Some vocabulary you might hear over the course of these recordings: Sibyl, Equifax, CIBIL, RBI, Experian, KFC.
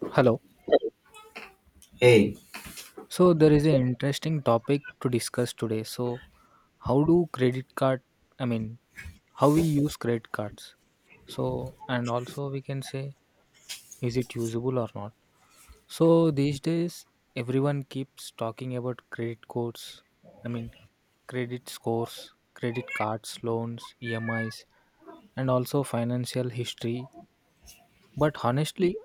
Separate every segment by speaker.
Speaker 1: Hello.
Speaker 2: Hey,
Speaker 1: So there is an interesting topic to discuss today. So how do credit card I mean how we use credit cards. So and also we can say is it usable or not. So these days everyone keeps talking about credit codes. I mean credit scores, credit cards, loans, EMIs and also financial history. But honestly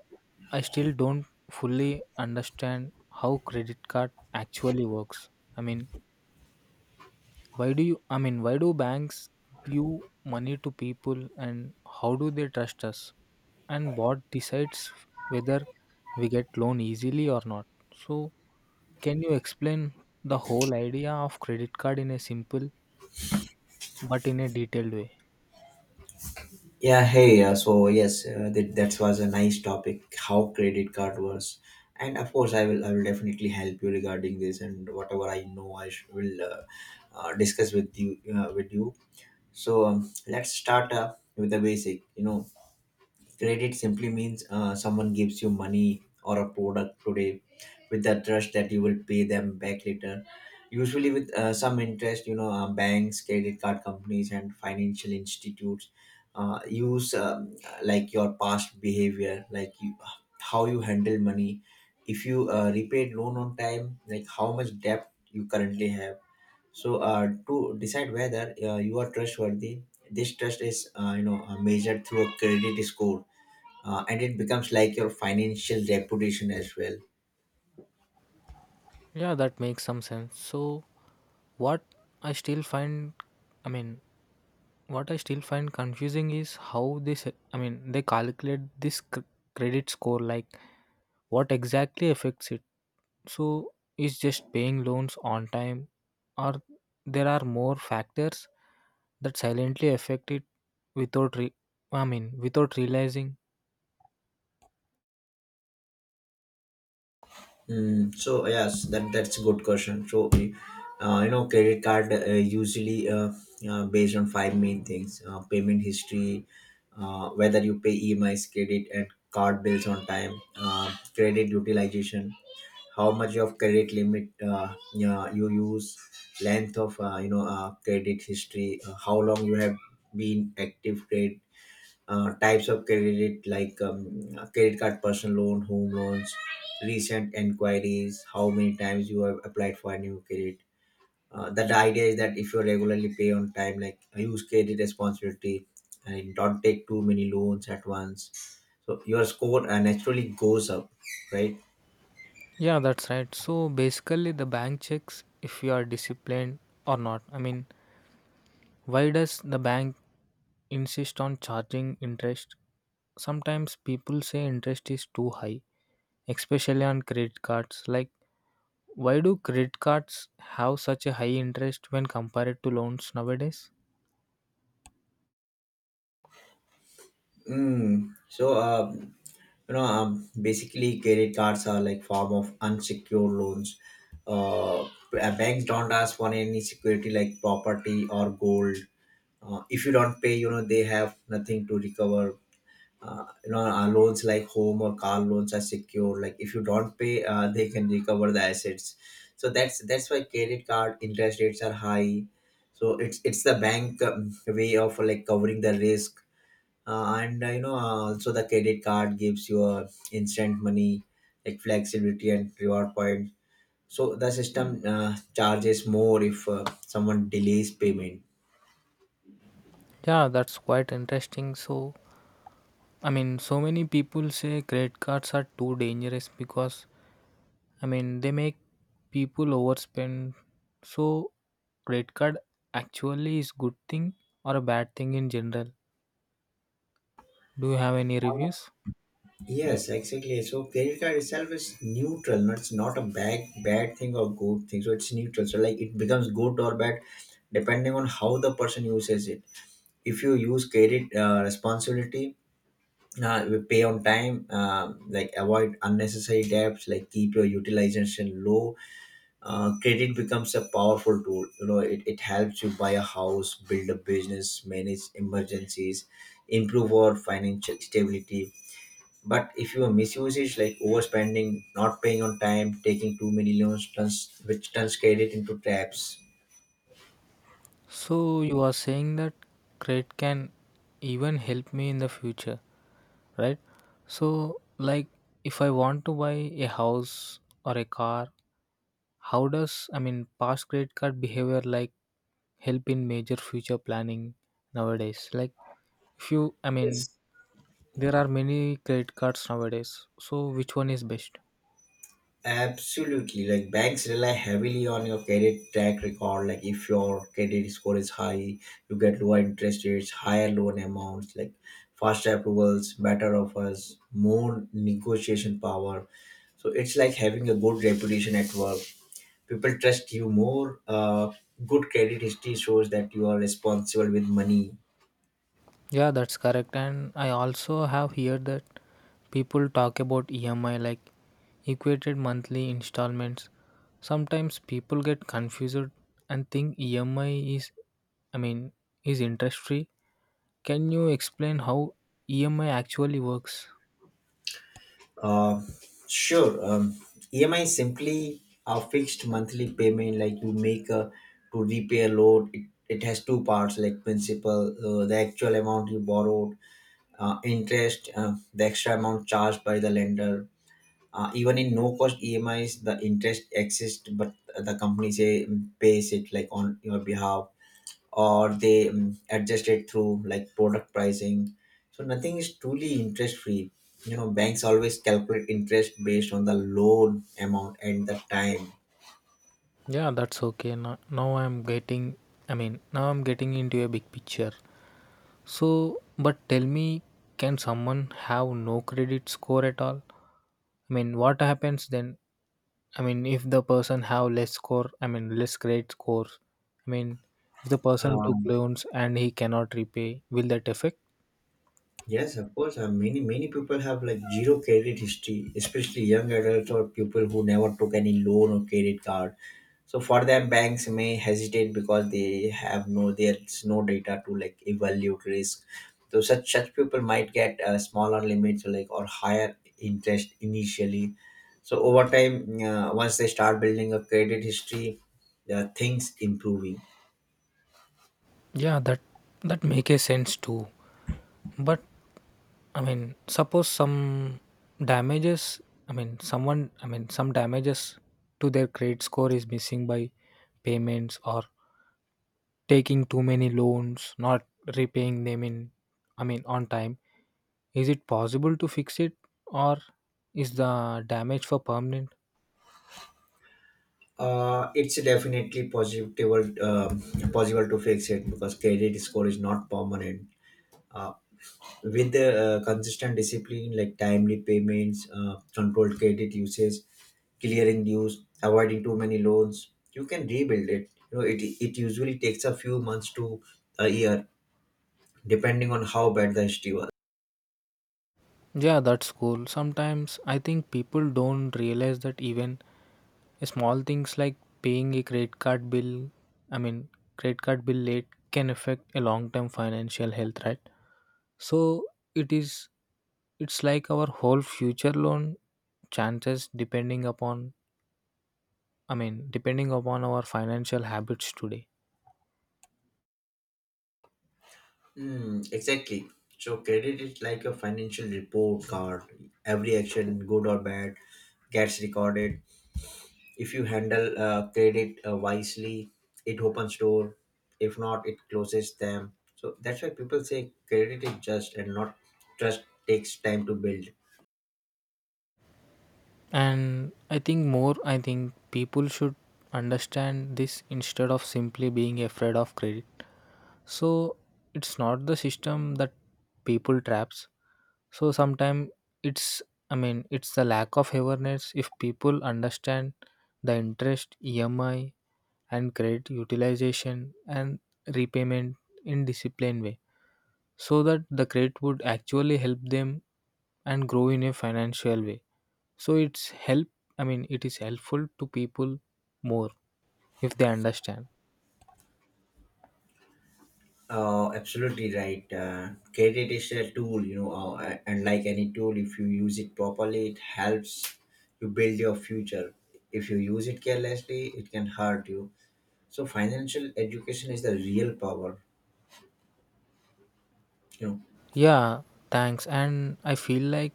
Speaker 1: I still don't fully understand how credit card actually works. I mean why do banks give money to people and how do they trust us? And what decides whether we get loan easily or not? So, can you explain the whole idea of credit card in a simple but in a detailed way?
Speaker 2: yeah, hey. So yes, that was a nice topic. How credit card works, and of course, I will definitely help you regarding this and whatever I know, will discuss with with you. So let's start with the basic. You know, credit simply means someone gives you money or a product today with the trust that you will pay them back later. Usually, with some interest, you know, banks, credit card companies, and financial institutes use like your past behavior, like you, how you handle money, if you repaid loan on time, like how much debt you currently have. So, to decide whether you are trustworthy, this trust is measured through a credit score, and it becomes like your financial reputation as well.
Speaker 1: Yeah, that makes some sense. So, what I still find, I mean, what I still find confusing is how they, se- I mean, they calculate this credit score. Like, what exactly affects it? So, is just paying loans on time, or there are more factors that silently affect it without, re- I mean, without realizing?
Speaker 2: Hmm. So yes, that's a good question. So you know, credit card usually based on five main things: payment history, whether you pay EMIs, credit, and card bills on time, credit utilization, how much of credit limit yeah, you use, length of credit history, how long you have been active credit, types of credit like credit card, personal loan, home loans, recent enquiries, how many times you have applied for a new credit. That the idea is that if you regularly pay on time, like use credit responsibility and don't take too many loans at once, so your score naturally goes up, right?
Speaker 1: Yeah, that's right. So basically, the bank checks if you are disciplined or not. I mean, why does the bank insist on charging interest? Sometimes people say interest is too high, especially on credit cards. Like, why do credit cards have such a high interest when compared to loans nowadays?
Speaker 2: Mm. So you know basically credit cards are like form of unsecured loans. uh, Banks don't ask for any security like property or gold. If you don't pay, you know, they have nothing to recover. Loans like home or car loans are secure. Like if you don't pay, they can recover the assets, so that's why credit card interest rates are high. So it's the bank way of like covering the risk, and you know also the credit card gives you a instant money like flexibility and reward point. So the system charges more if someone delays payment.
Speaker 1: Yeah, that's quite interesting. So, so many people say credit cards are too dangerous because they make people overspend. So, credit card actually is good thing or a bad thing in general? Do you have any reviews?
Speaker 2: Yes, exactly, so credit card itself is neutral, not it's not a bad thing or good thing, so it's neutral. So like it becomes good or bad depending on how the person uses it. If you use credit responsibility, we pay on time, like avoid unnecessary debts, like keep your utilization low, credit becomes a powerful tool. You know, it helps you buy a house, build a business, manage emergencies, improve our financial stability. But if you misuse it like overspending, not paying on time, taking too many loans turns, which turns credit into traps.
Speaker 1: So you are saying that credit can even help me in the future, right? So like if I want to buy a house or a car, how does I mean past credit card behavior like help in major future planning nowadays? Like if you I mean
Speaker 2: Yes.
Speaker 1: there are many credit cards nowadays. So which one is best?
Speaker 2: Absolutely. Like banks rely heavily on your credit track record. Like if your credit score is high, you get lower interest rates, higher loan amounts, like faster approvals, better offers, more negotiation power. So it's like having a good reputation at work. People trust you more. Good credit history shows that you are responsible with money.
Speaker 1: Yeah, that's correct. And I also have heard that people talk about EMI like equated monthly installments. Sometimes people get confused and think EMI is, I mean, is interest free. Can you explain how EMI actually works?
Speaker 2: Uh, sure. EMI simply a fixed monthly payment like you make to repay a loan. It has two parts like principal, the actual amount you borrowed, interest, the extra amount charged by the lender. Even in no cost EMIs, the interest exists, but the company say pays it like on your behalf or they adjust it through like product pricing. So nothing is truly interest free. You know, banks always calculate interest based on the loan amount and the time.
Speaker 1: Yeah, that's okay. Now I'm getting into a big picture. So, but tell me, can someone have no credit score at all? I mean, what happens then? I mean, if the person have less score, I mean less credit score. I mean, if the person took
Speaker 2: um,
Speaker 1: loans and he cannot repay, will that affect?
Speaker 2: Yes, of course. Many people have like zero credit history, especially young adults or people who never took any loan or credit card. So for them, banks may hesitate because they have there's no data to like evaluate risk. So such people might get smaller limits or or higher interest initially. So over time, once they start building a credit history, the things improving.
Speaker 1: Yeah, that make a sense too. But I mean, suppose some damages. I mean, someone. I mean, some damages to their credit score is missing by payments or taking too many loans, not repaying them in. I mean, on time. Is it possible to fix it, or is the damage for permanent?
Speaker 2: It's definitely possible, um possible to fix it because credit score is not permanent. Uh, with the consistent discipline like timely payments, controlled credit usage, clearing dues, avoiding too many loans, you can rebuild it. You know, it usually takes a few months to a year, depending on how bad the history was.
Speaker 1: Yeah, that's cool. Sometimes I think people don't realize that even small things like paying a credit card bill, I mean, credit card bill late can affect a long-term financial health, right? So it is, it's like our whole future loan chances depending upon, I mean, depending upon our financial habits today.
Speaker 2: Hmm, exactly. So credit is like a financial report card. Every action, good or bad, gets recorded. If you handle credit wisely, it opens door. If not, it closes them. So that's why people say credit is just and not trust takes time to build.
Speaker 1: And I think more, I think people should understand this instead of simply being afraid of credit. So it's not the system that people traps. So sometimes it's I mean it's the lack of awareness. If people understand the interest, EMI, and credit utilization and repayment in disciplined way, so that the credit would actually help them and grow in a financial way. So it's help. I mean it is helpful to people more if they understand.
Speaker 2: Absolutely right. Credit is a tool, you know, and like any tool, if you use it properly, it helps you build your future. If you use it carelessly, it can hurt you. So financial education is the real power, you know.
Speaker 1: Yeah, thanks. And I feel like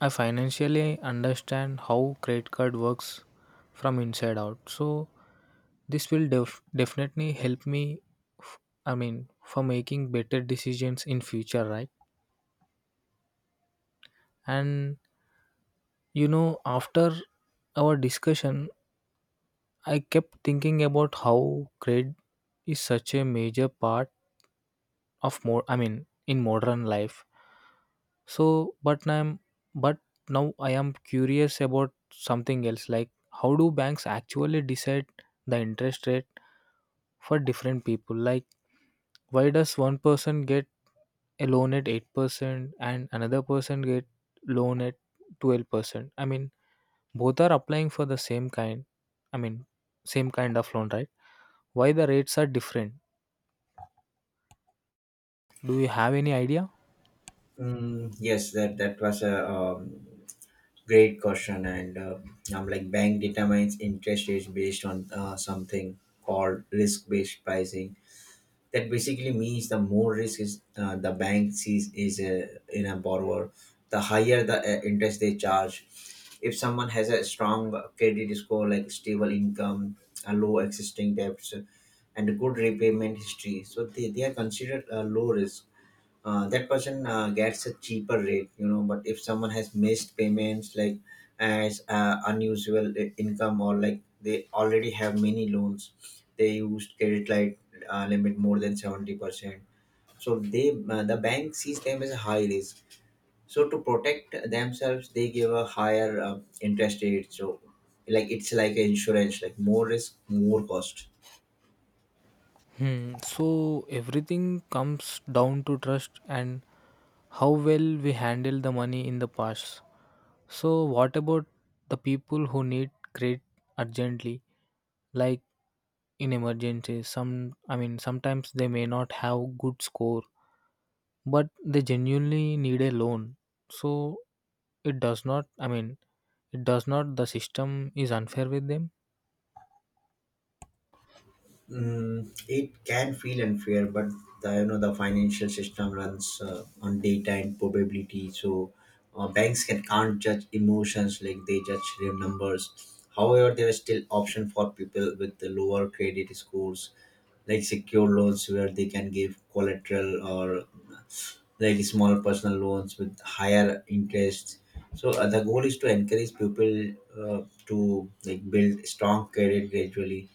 Speaker 1: I financially understand how credit card works from inside out. So this will definitely help me f- for making better decisions in future, right? And you know after our discussion I kept thinking about how credit is such a major part of more I mean in modern life. So, but now I'm but now I am curious about something else. Like, how do banks actually decide the interest rate for different people? Like, why does one person get a loan at 8% and another person get loan at 12%? I mean, both are applying for the same kind. I mean, same kind of loan, right? Why the rates are different? Do you have any idea?
Speaker 2: Yes, that was a great question. And like bank determines interest rates based on something called risk-based pricing. That basically means the more risk is the bank sees is in a borrower, the higher the interest they charge. If someone has a strong credit score, like stable income, a low existing debts, and a good repayment history, so they are considered low risk. That person gets a cheaper rate, you know. But if someone has missed payments like as income or like they already have many loans, they used credit line limit more than 70%, so they the bank sees them as a high risk, so to protect themselves they give a higher interest rate. So like it's like an insurance, like more risk more cost.
Speaker 1: Hmm. So everything comes down to trust and how well we handle the money in the past. So, what about the people who need credit urgently, like in emergencies? Some, I mean, sometimes they may not have good score, but they genuinely need a loan. So, it does not. I mean, it does not. The system is unfair with them.
Speaker 2: Mm, it can feel unfair, but the, you know, the financial system runs on data and probability. So banks can can't judge emotions like they judge real numbers. However, there is still option for people with the lower credit scores, like secure loans where they can give collateral or like small personal loans with higher interest. So the goal is to encourage people to like build strong credit gradually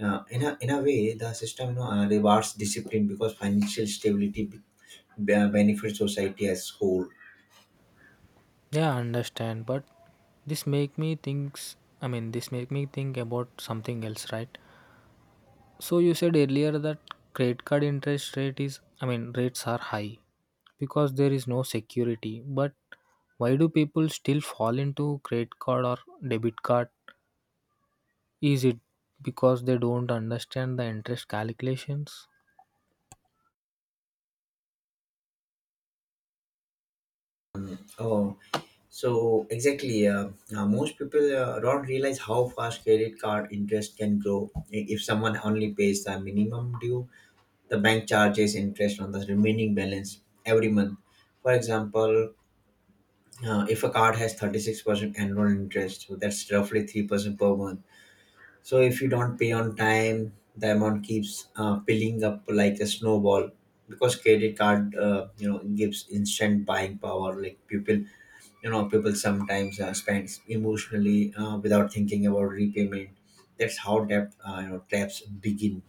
Speaker 2: in a way the system, you know, rewards discipline because financial stability benefits society as whole.
Speaker 1: Yeah, I understand, but this make me thinks. I mean, this make me think about something else, right? So you said earlier that credit card interest rate is, I mean, rates are high because there is no security. But why do people still fall into credit card or debit card? Is it because they don't understand the interest calculations?
Speaker 2: Oh, so exactly, most people don't realize how fast credit card interest can grow. If someone only pays the minimum due, the bank charges interest on the remaining balance every month. For example, if a card has 36% annual interest, so that's roughly 3% per month. So if you don't pay on time, the amount keeps piling up like a snowball because credit card, gives instant buying power. Like people, people sometimes spend emotionally without thinking about repayment. That's how debt, traps begin.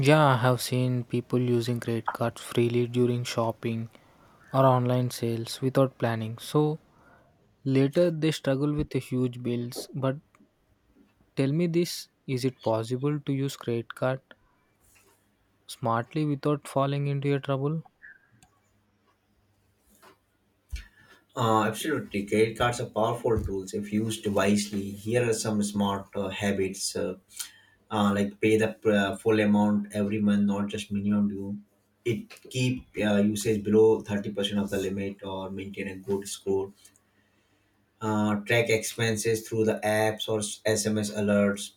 Speaker 1: Yeah, I have seen people using credit cards freely during shopping or online sales without planning. So later they struggle with the huge bills. But tell me this, is it possible to use credit card smartly without falling into a trouble?
Speaker 2: Absolutely, credit cards are powerful tools if used wisely. Here are some smart habits, like pay the full amount every month, not just minimum due. It keep usage below 30% of the limit or maintain a good score. Track expenses through the apps or SMS alerts.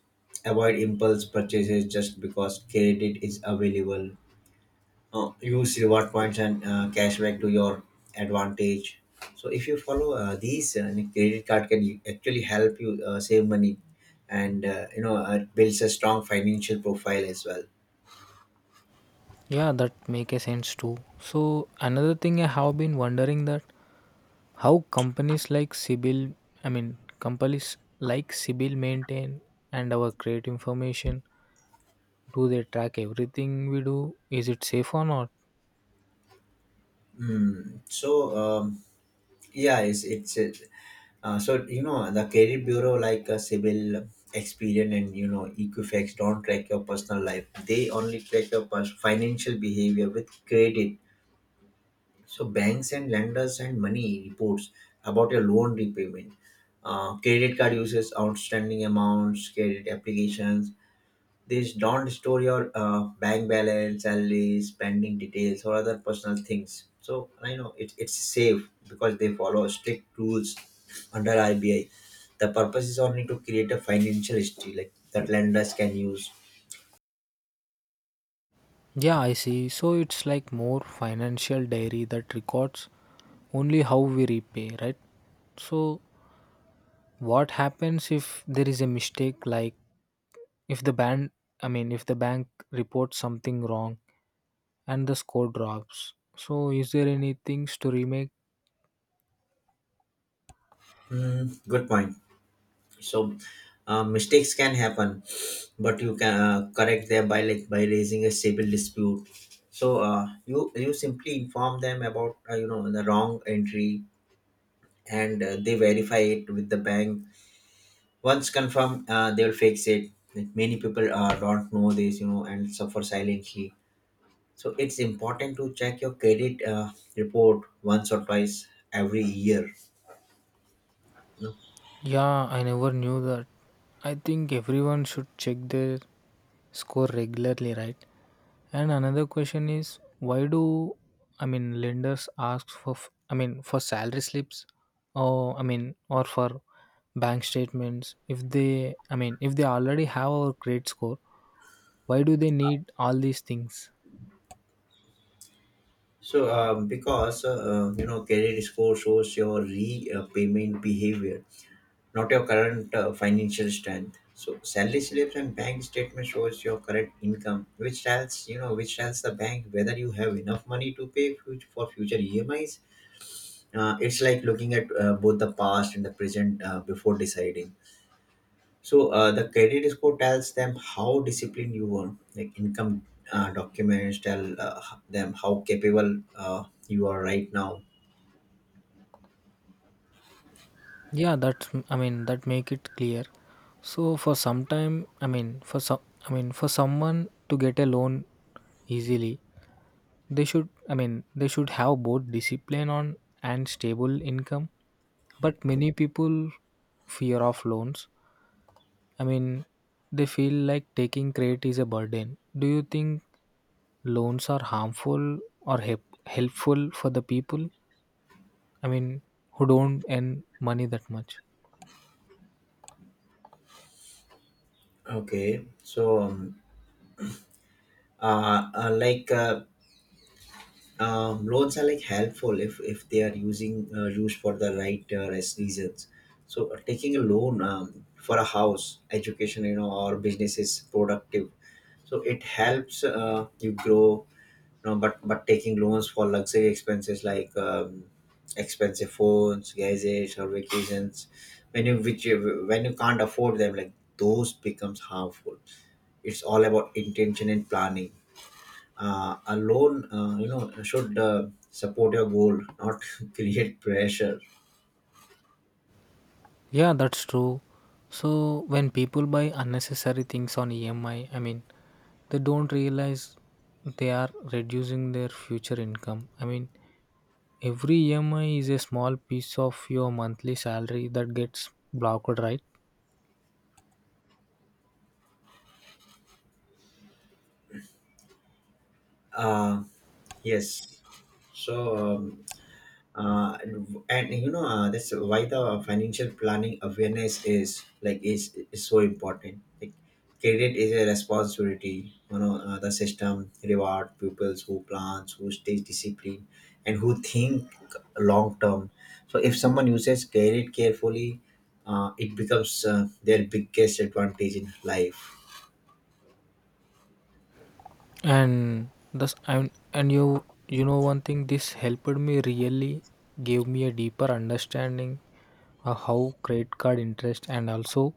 Speaker 2: Avoid impulse purchases just because credit is available. Use reward points and cashback to your advantage. So if you follow these, credit card can actually help you save money and builds a strong financial profile as well.
Speaker 1: Yeah, that make a sense too. So another thing I have been wondering that how companies like Sibyl, I mean companies like Sibyl maintain and our create information. Do they track everything we do? Is it safe or not?
Speaker 2: Mm. So yeah, so you know the credit bureau like a civil, Experian, and you know Equifax don't track your personal life. They only track your financial behavior with credit. So banks and lenders and money reports about your loan repayment, credit card uses, outstanding amounts, credit applications, these don't store your bank balance, salary, spending details, or other personal things. So I know it's safe because they follow strict rules under RBI. The purpose is only to create a financial history like that lenders can use.
Speaker 1: Yeah, I see. So it's like more financial diary that records only how we repay, right? So what happens if there is a mistake like If the band I mean, if the bank reports something wrong and the score drops. So, is there any things to remake?
Speaker 2: Mm, good point. So mistakes can happen, but you can correct them by like by raising a civil dispute. So you simply inform them about the wrong entry, and they verify it with the bank. Once confirmed, they will fix it. Like, many people don't know this, you know, and suffer silently. So it's important to check your credit report once or twice every year, you know.
Speaker 1: Yeah, I never knew that. I think everyone should check their score regularly, right? And another question is why do lenders ask for for salary slips or I mean or for bank statements if they already have our credit score, why do they need all these things?
Speaker 2: Because credit score shows your repayment behavior, not your current financial strength. So salary slips and bank statement shows your current income, which tells the bank whether you have enough money to pay for future emis. It's like looking at both the past and the present before deciding. So the credit score tells them how disciplined you were, like income documents tell them how capable you are right now.
Speaker 1: Yeah, that's, that make it clear. So for some time, I mean for some I mean for someone to get a loan easily, they should have both discipline on and stable income. But many people fear of loans. I mean they feel like taking credit is a burden. Do you think loans are harmful or help, helpful for the people? I mean who don't earn money that much?
Speaker 2: Okay, so uh, uh, like uh, loans are helpful if they are using used for the right reasons. So taking a loan for a house, education, or business is productive, so it helps you grow. No, but taking loans for luxury expenses like expensive phones, gadgets, or vacations, when you can't afford them, like those becomes harmful. It's all about intention and planning. A loan, should support your goal, not create pressure.
Speaker 1: Yeah, that's true. So when people buy unnecessary things on EMI, they don't realize they are reducing their future income. I mean, every EMI is a small piece of your monthly salary that gets blocked, right?
Speaker 2: Uh, yes. So and that's why the financial planning awareness is is so important. Like credit is a responsibility, the system reward pupils who plans, who stays disciplined, and who think long term. So if someone uses credit carefully, it becomes their biggest advantage in life.
Speaker 1: And thus, and you know one thing, this helped me really gave me a deeper understanding how credit card interest and also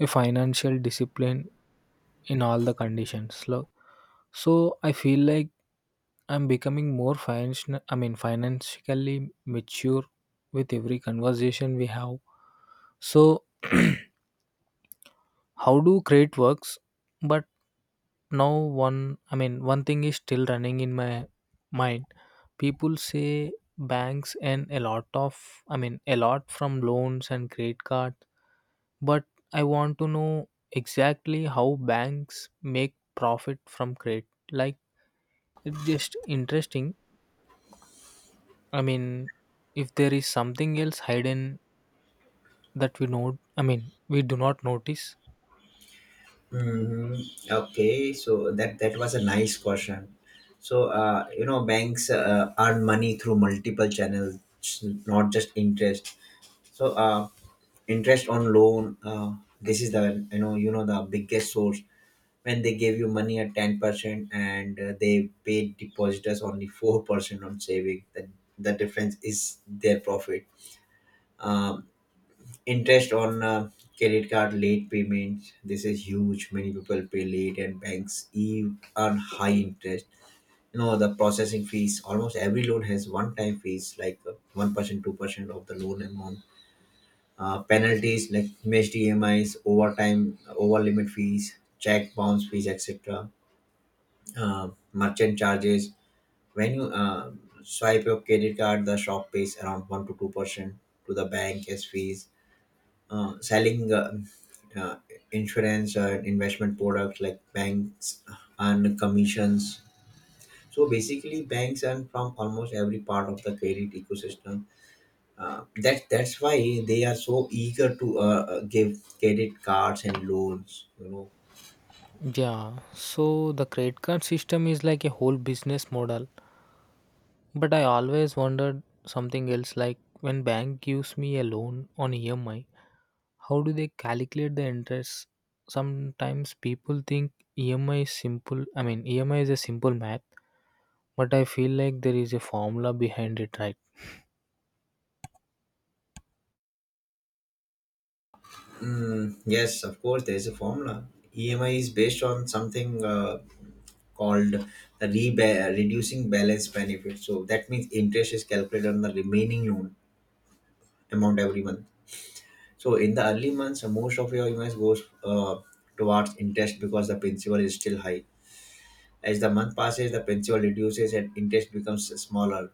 Speaker 1: a financial discipline in all the conditions so I feel like I'm becoming more financial I mean financially mature with every conversation we have. So how do credit works. But now one I mean one thing is still running in my mind. People say banks and a lot of I mean a lot from loans and credit card. But I want to know exactly how banks make profit from credit. Like it's just interesting. I mean, if there is something else hidden that we know, I mean, we do not notice.
Speaker 2: Mm-hmm. Okay, so that was a nice question. So banks earn money through multiple channels, not just interest. So interest on loan. This is the you know the biggest source. When they give you money at 10% and they pay depositors only 4% on saving, the difference is their profit. Um, Interest on credit card late payments, this is huge. Many people pay late and banks even earn high interest. The processing fees, almost every loan has one time fees like 1%, 2% of the loan amount. Penalties like missed emis, overtime, over limit fees, check bounce fees, etc. Merchant charges, when you swipe your credit card the shop pays around 1 to 2% to the bank as fees. Selling uh, insurance and investment products, like banks and commissions. So basically, banks are from almost every part of the credit ecosystem. That that's why they are so eager to give credit cards and loans, you know.
Speaker 1: Yeah, so the credit card system is like a whole business model. But I always wondered something else like when bank gives me a loan on EMI, how do they calculate the interest? Sometimes people think EMI is simple. I mean, EMI is a simple math, but I feel like there is a formula behind it, right?
Speaker 2: Mm, yes, of course, there is a formula. EMI is based on something called the reducing balance benefit. So that means interest is calculated on the remaining loan amount every month. So in the early months, most of your investment goes towards interest because the principal is still high. As the month passes, the principal reduces and interest becomes smaller.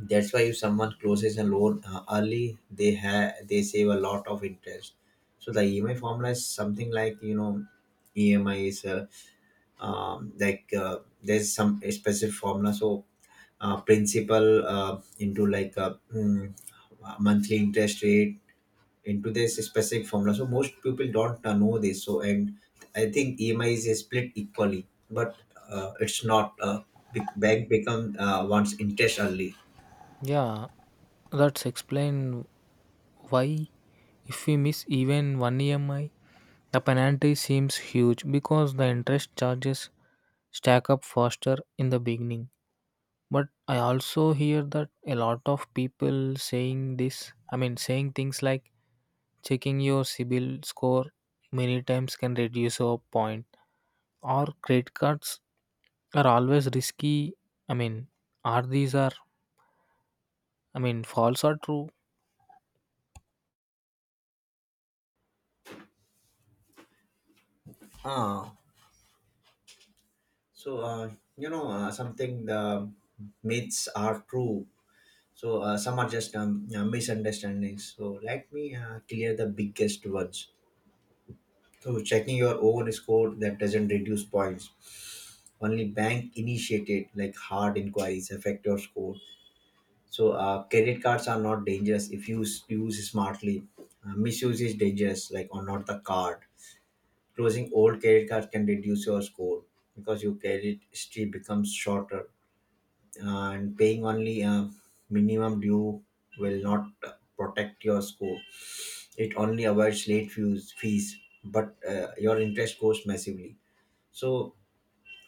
Speaker 2: That's why if someone closes a loan early, they save a lot of interest. So the EMI formula is something like, you know, EMI is there's some specific formula. So principal into monthly interest rate into this specific formula. So most people don't know this. So and I think EMI is split equally, but it's not. Big bank become wants interest only.
Speaker 1: Yeah, that's explain why if we miss even one EMI, the penalty seems huge because the interest charges stack up faster in the beginning. But I also hear that a lot of people saying this, I mean, saying things like checking your CIBIL score many times can reduce your point. Or credit cards are always risky. I mean, are these are false or true?
Speaker 2: Ah, so something the myths are true. So some are just misunderstandings. So let me clear the biggest ones. So checking your own score, that doesn't reduce points. Only bank initiated, like hard inquiries affect your score. So credit cards are not dangerous if you use smartly. Misuse is dangerous, like, or not the card. Closing old credit cards can reduce your score because your credit history becomes shorter, and paying only a minimum due will not protect your score. It only avoids late fees, but your interest goes massively. So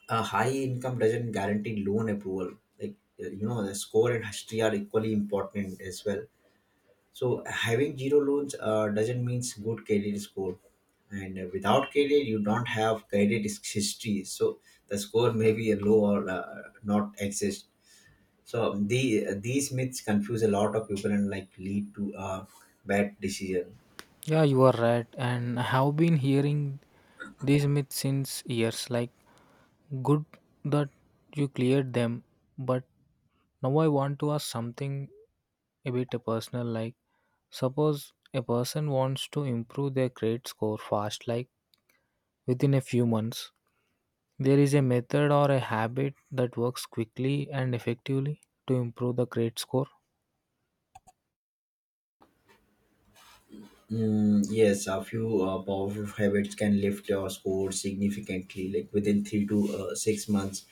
Speaker 2: a high income doesn't guarantee loan approval. Like the score and history are equally important as well. So having zero loans doesn't mean good credit score. And without credit, you don't have credit history. So the score may be low or not exist. So these myths confuse a lot of people and like lead to bad decision.
Speaker 1: Yeah, you are right. And I have been hearing these myths since years. Like good that you cleared them, but now I want to ask something a bit personal. Like suppose a person wants to improve their credit score fast, like within a few months. There is a method or a habit that works quickly and effectively to improve the credit score.
Speaker 2: Mm, yes, a few powerful habits can lift your score significantly, like within 3 to 6 months.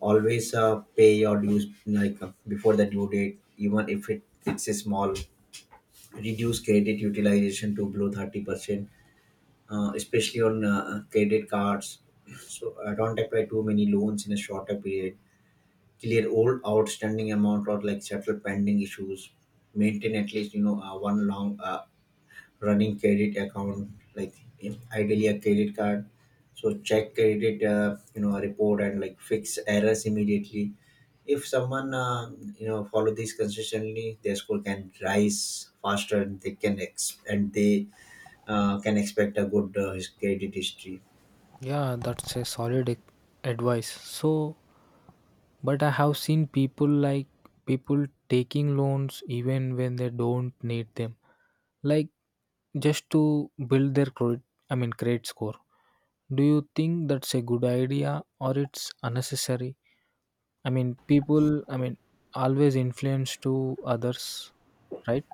Speaker 2: Always pay your dues like before the due date, even if it, it's a small. Reduce credit utilization to below 30%, especially on credit cards. So don't apply too many loans in a shorter period. Clear all outstanding amount or like settle pending issues. Maintain at least, one long running credit account, like ideally a credit card. So check credit, report, and like fix errors immediately. If someone follow this consistently, their score can rise faster and they can expect a good credit history.
Speaker 1: Yeah, that's a solid advice. So, but I have seen people taking loans even when they don't need them, like just to build their credit. I mean, credit score. Do you think that's a good idea or it's unnecessary? I mean, people. I mean, always influence to others, right?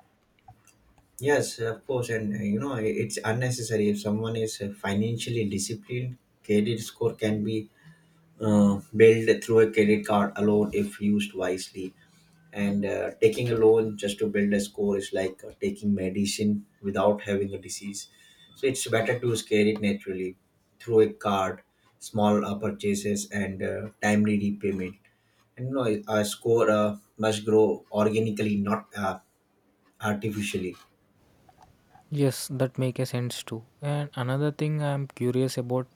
Speaker 2: Yes, of course. And it's unnecessary if someone is financially disciplined. Credit score can be built through a credit card alone if used wisely. And taking a loan just to build a score is like taking medicine without having a disease. So it's better to scale it naturally through a card, small purchases and timely repayment. And you know, a score must grow organically, not artificially.
Speaker 1: Yes, that make a sense too. And another thing I'm curious about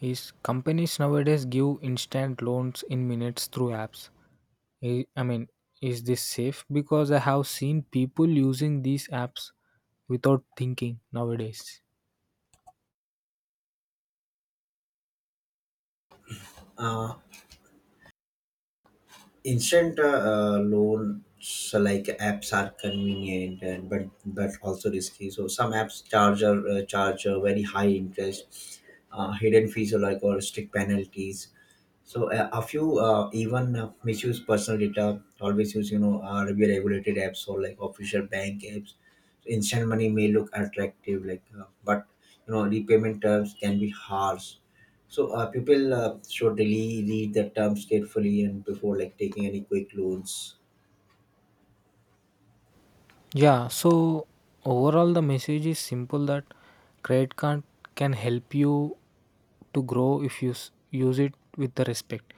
Speaker 1: is companies nowadays give instant loans in minutes through apps. I I mean, is this safe? Because I have seen people using these apps without thinking nowadays.
Speaker 2: Uh, Instant loans like apps are convenient, and but also risky. So some apps charge a very high interest, hidden fees, or like or strict penalties. So a few even misuse personal data. Always use, regulated apps or like official bank apps. Instant money may look attractive, like, but you know repayment terms can be harsh. So people should really read the terms carefully and before like taking any quick loans.
Speaker 1: Yeah, so overall, the message is simple that credit card can help you to grow if you use it with the respect.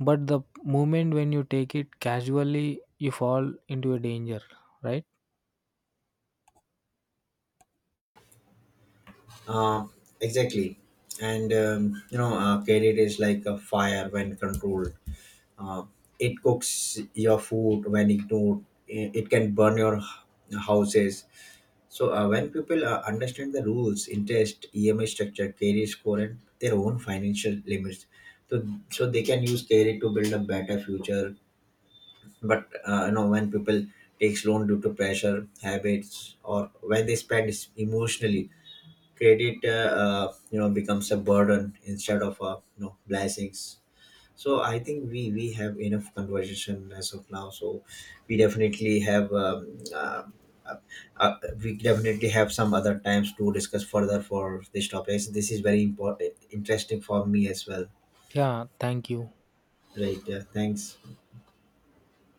Speaker 1: But the moment when you take it casually, you fall into a danger, right?
Speaker 2: Uh, exactly, and credit is like a fire. When controlled, Uh, it cooks your food. When ignored, it can burn your houses. So when people understand the rules, interest, EMI structure, credit score, and their own financial limits, so so they can use credit to build a better future. But when people takes loan due to pressure habits, or when they spend emotionally, credit becomes a burden instead of a, you know, blessings. So I think we have enough conversation as of now. So we definitely have uh, uh, some other times to discuss further for this topic. This is very important, interesting for me as well.
Speaker 1: Yeah, thank you.
Speaker 2: Right. Yeah, thanks.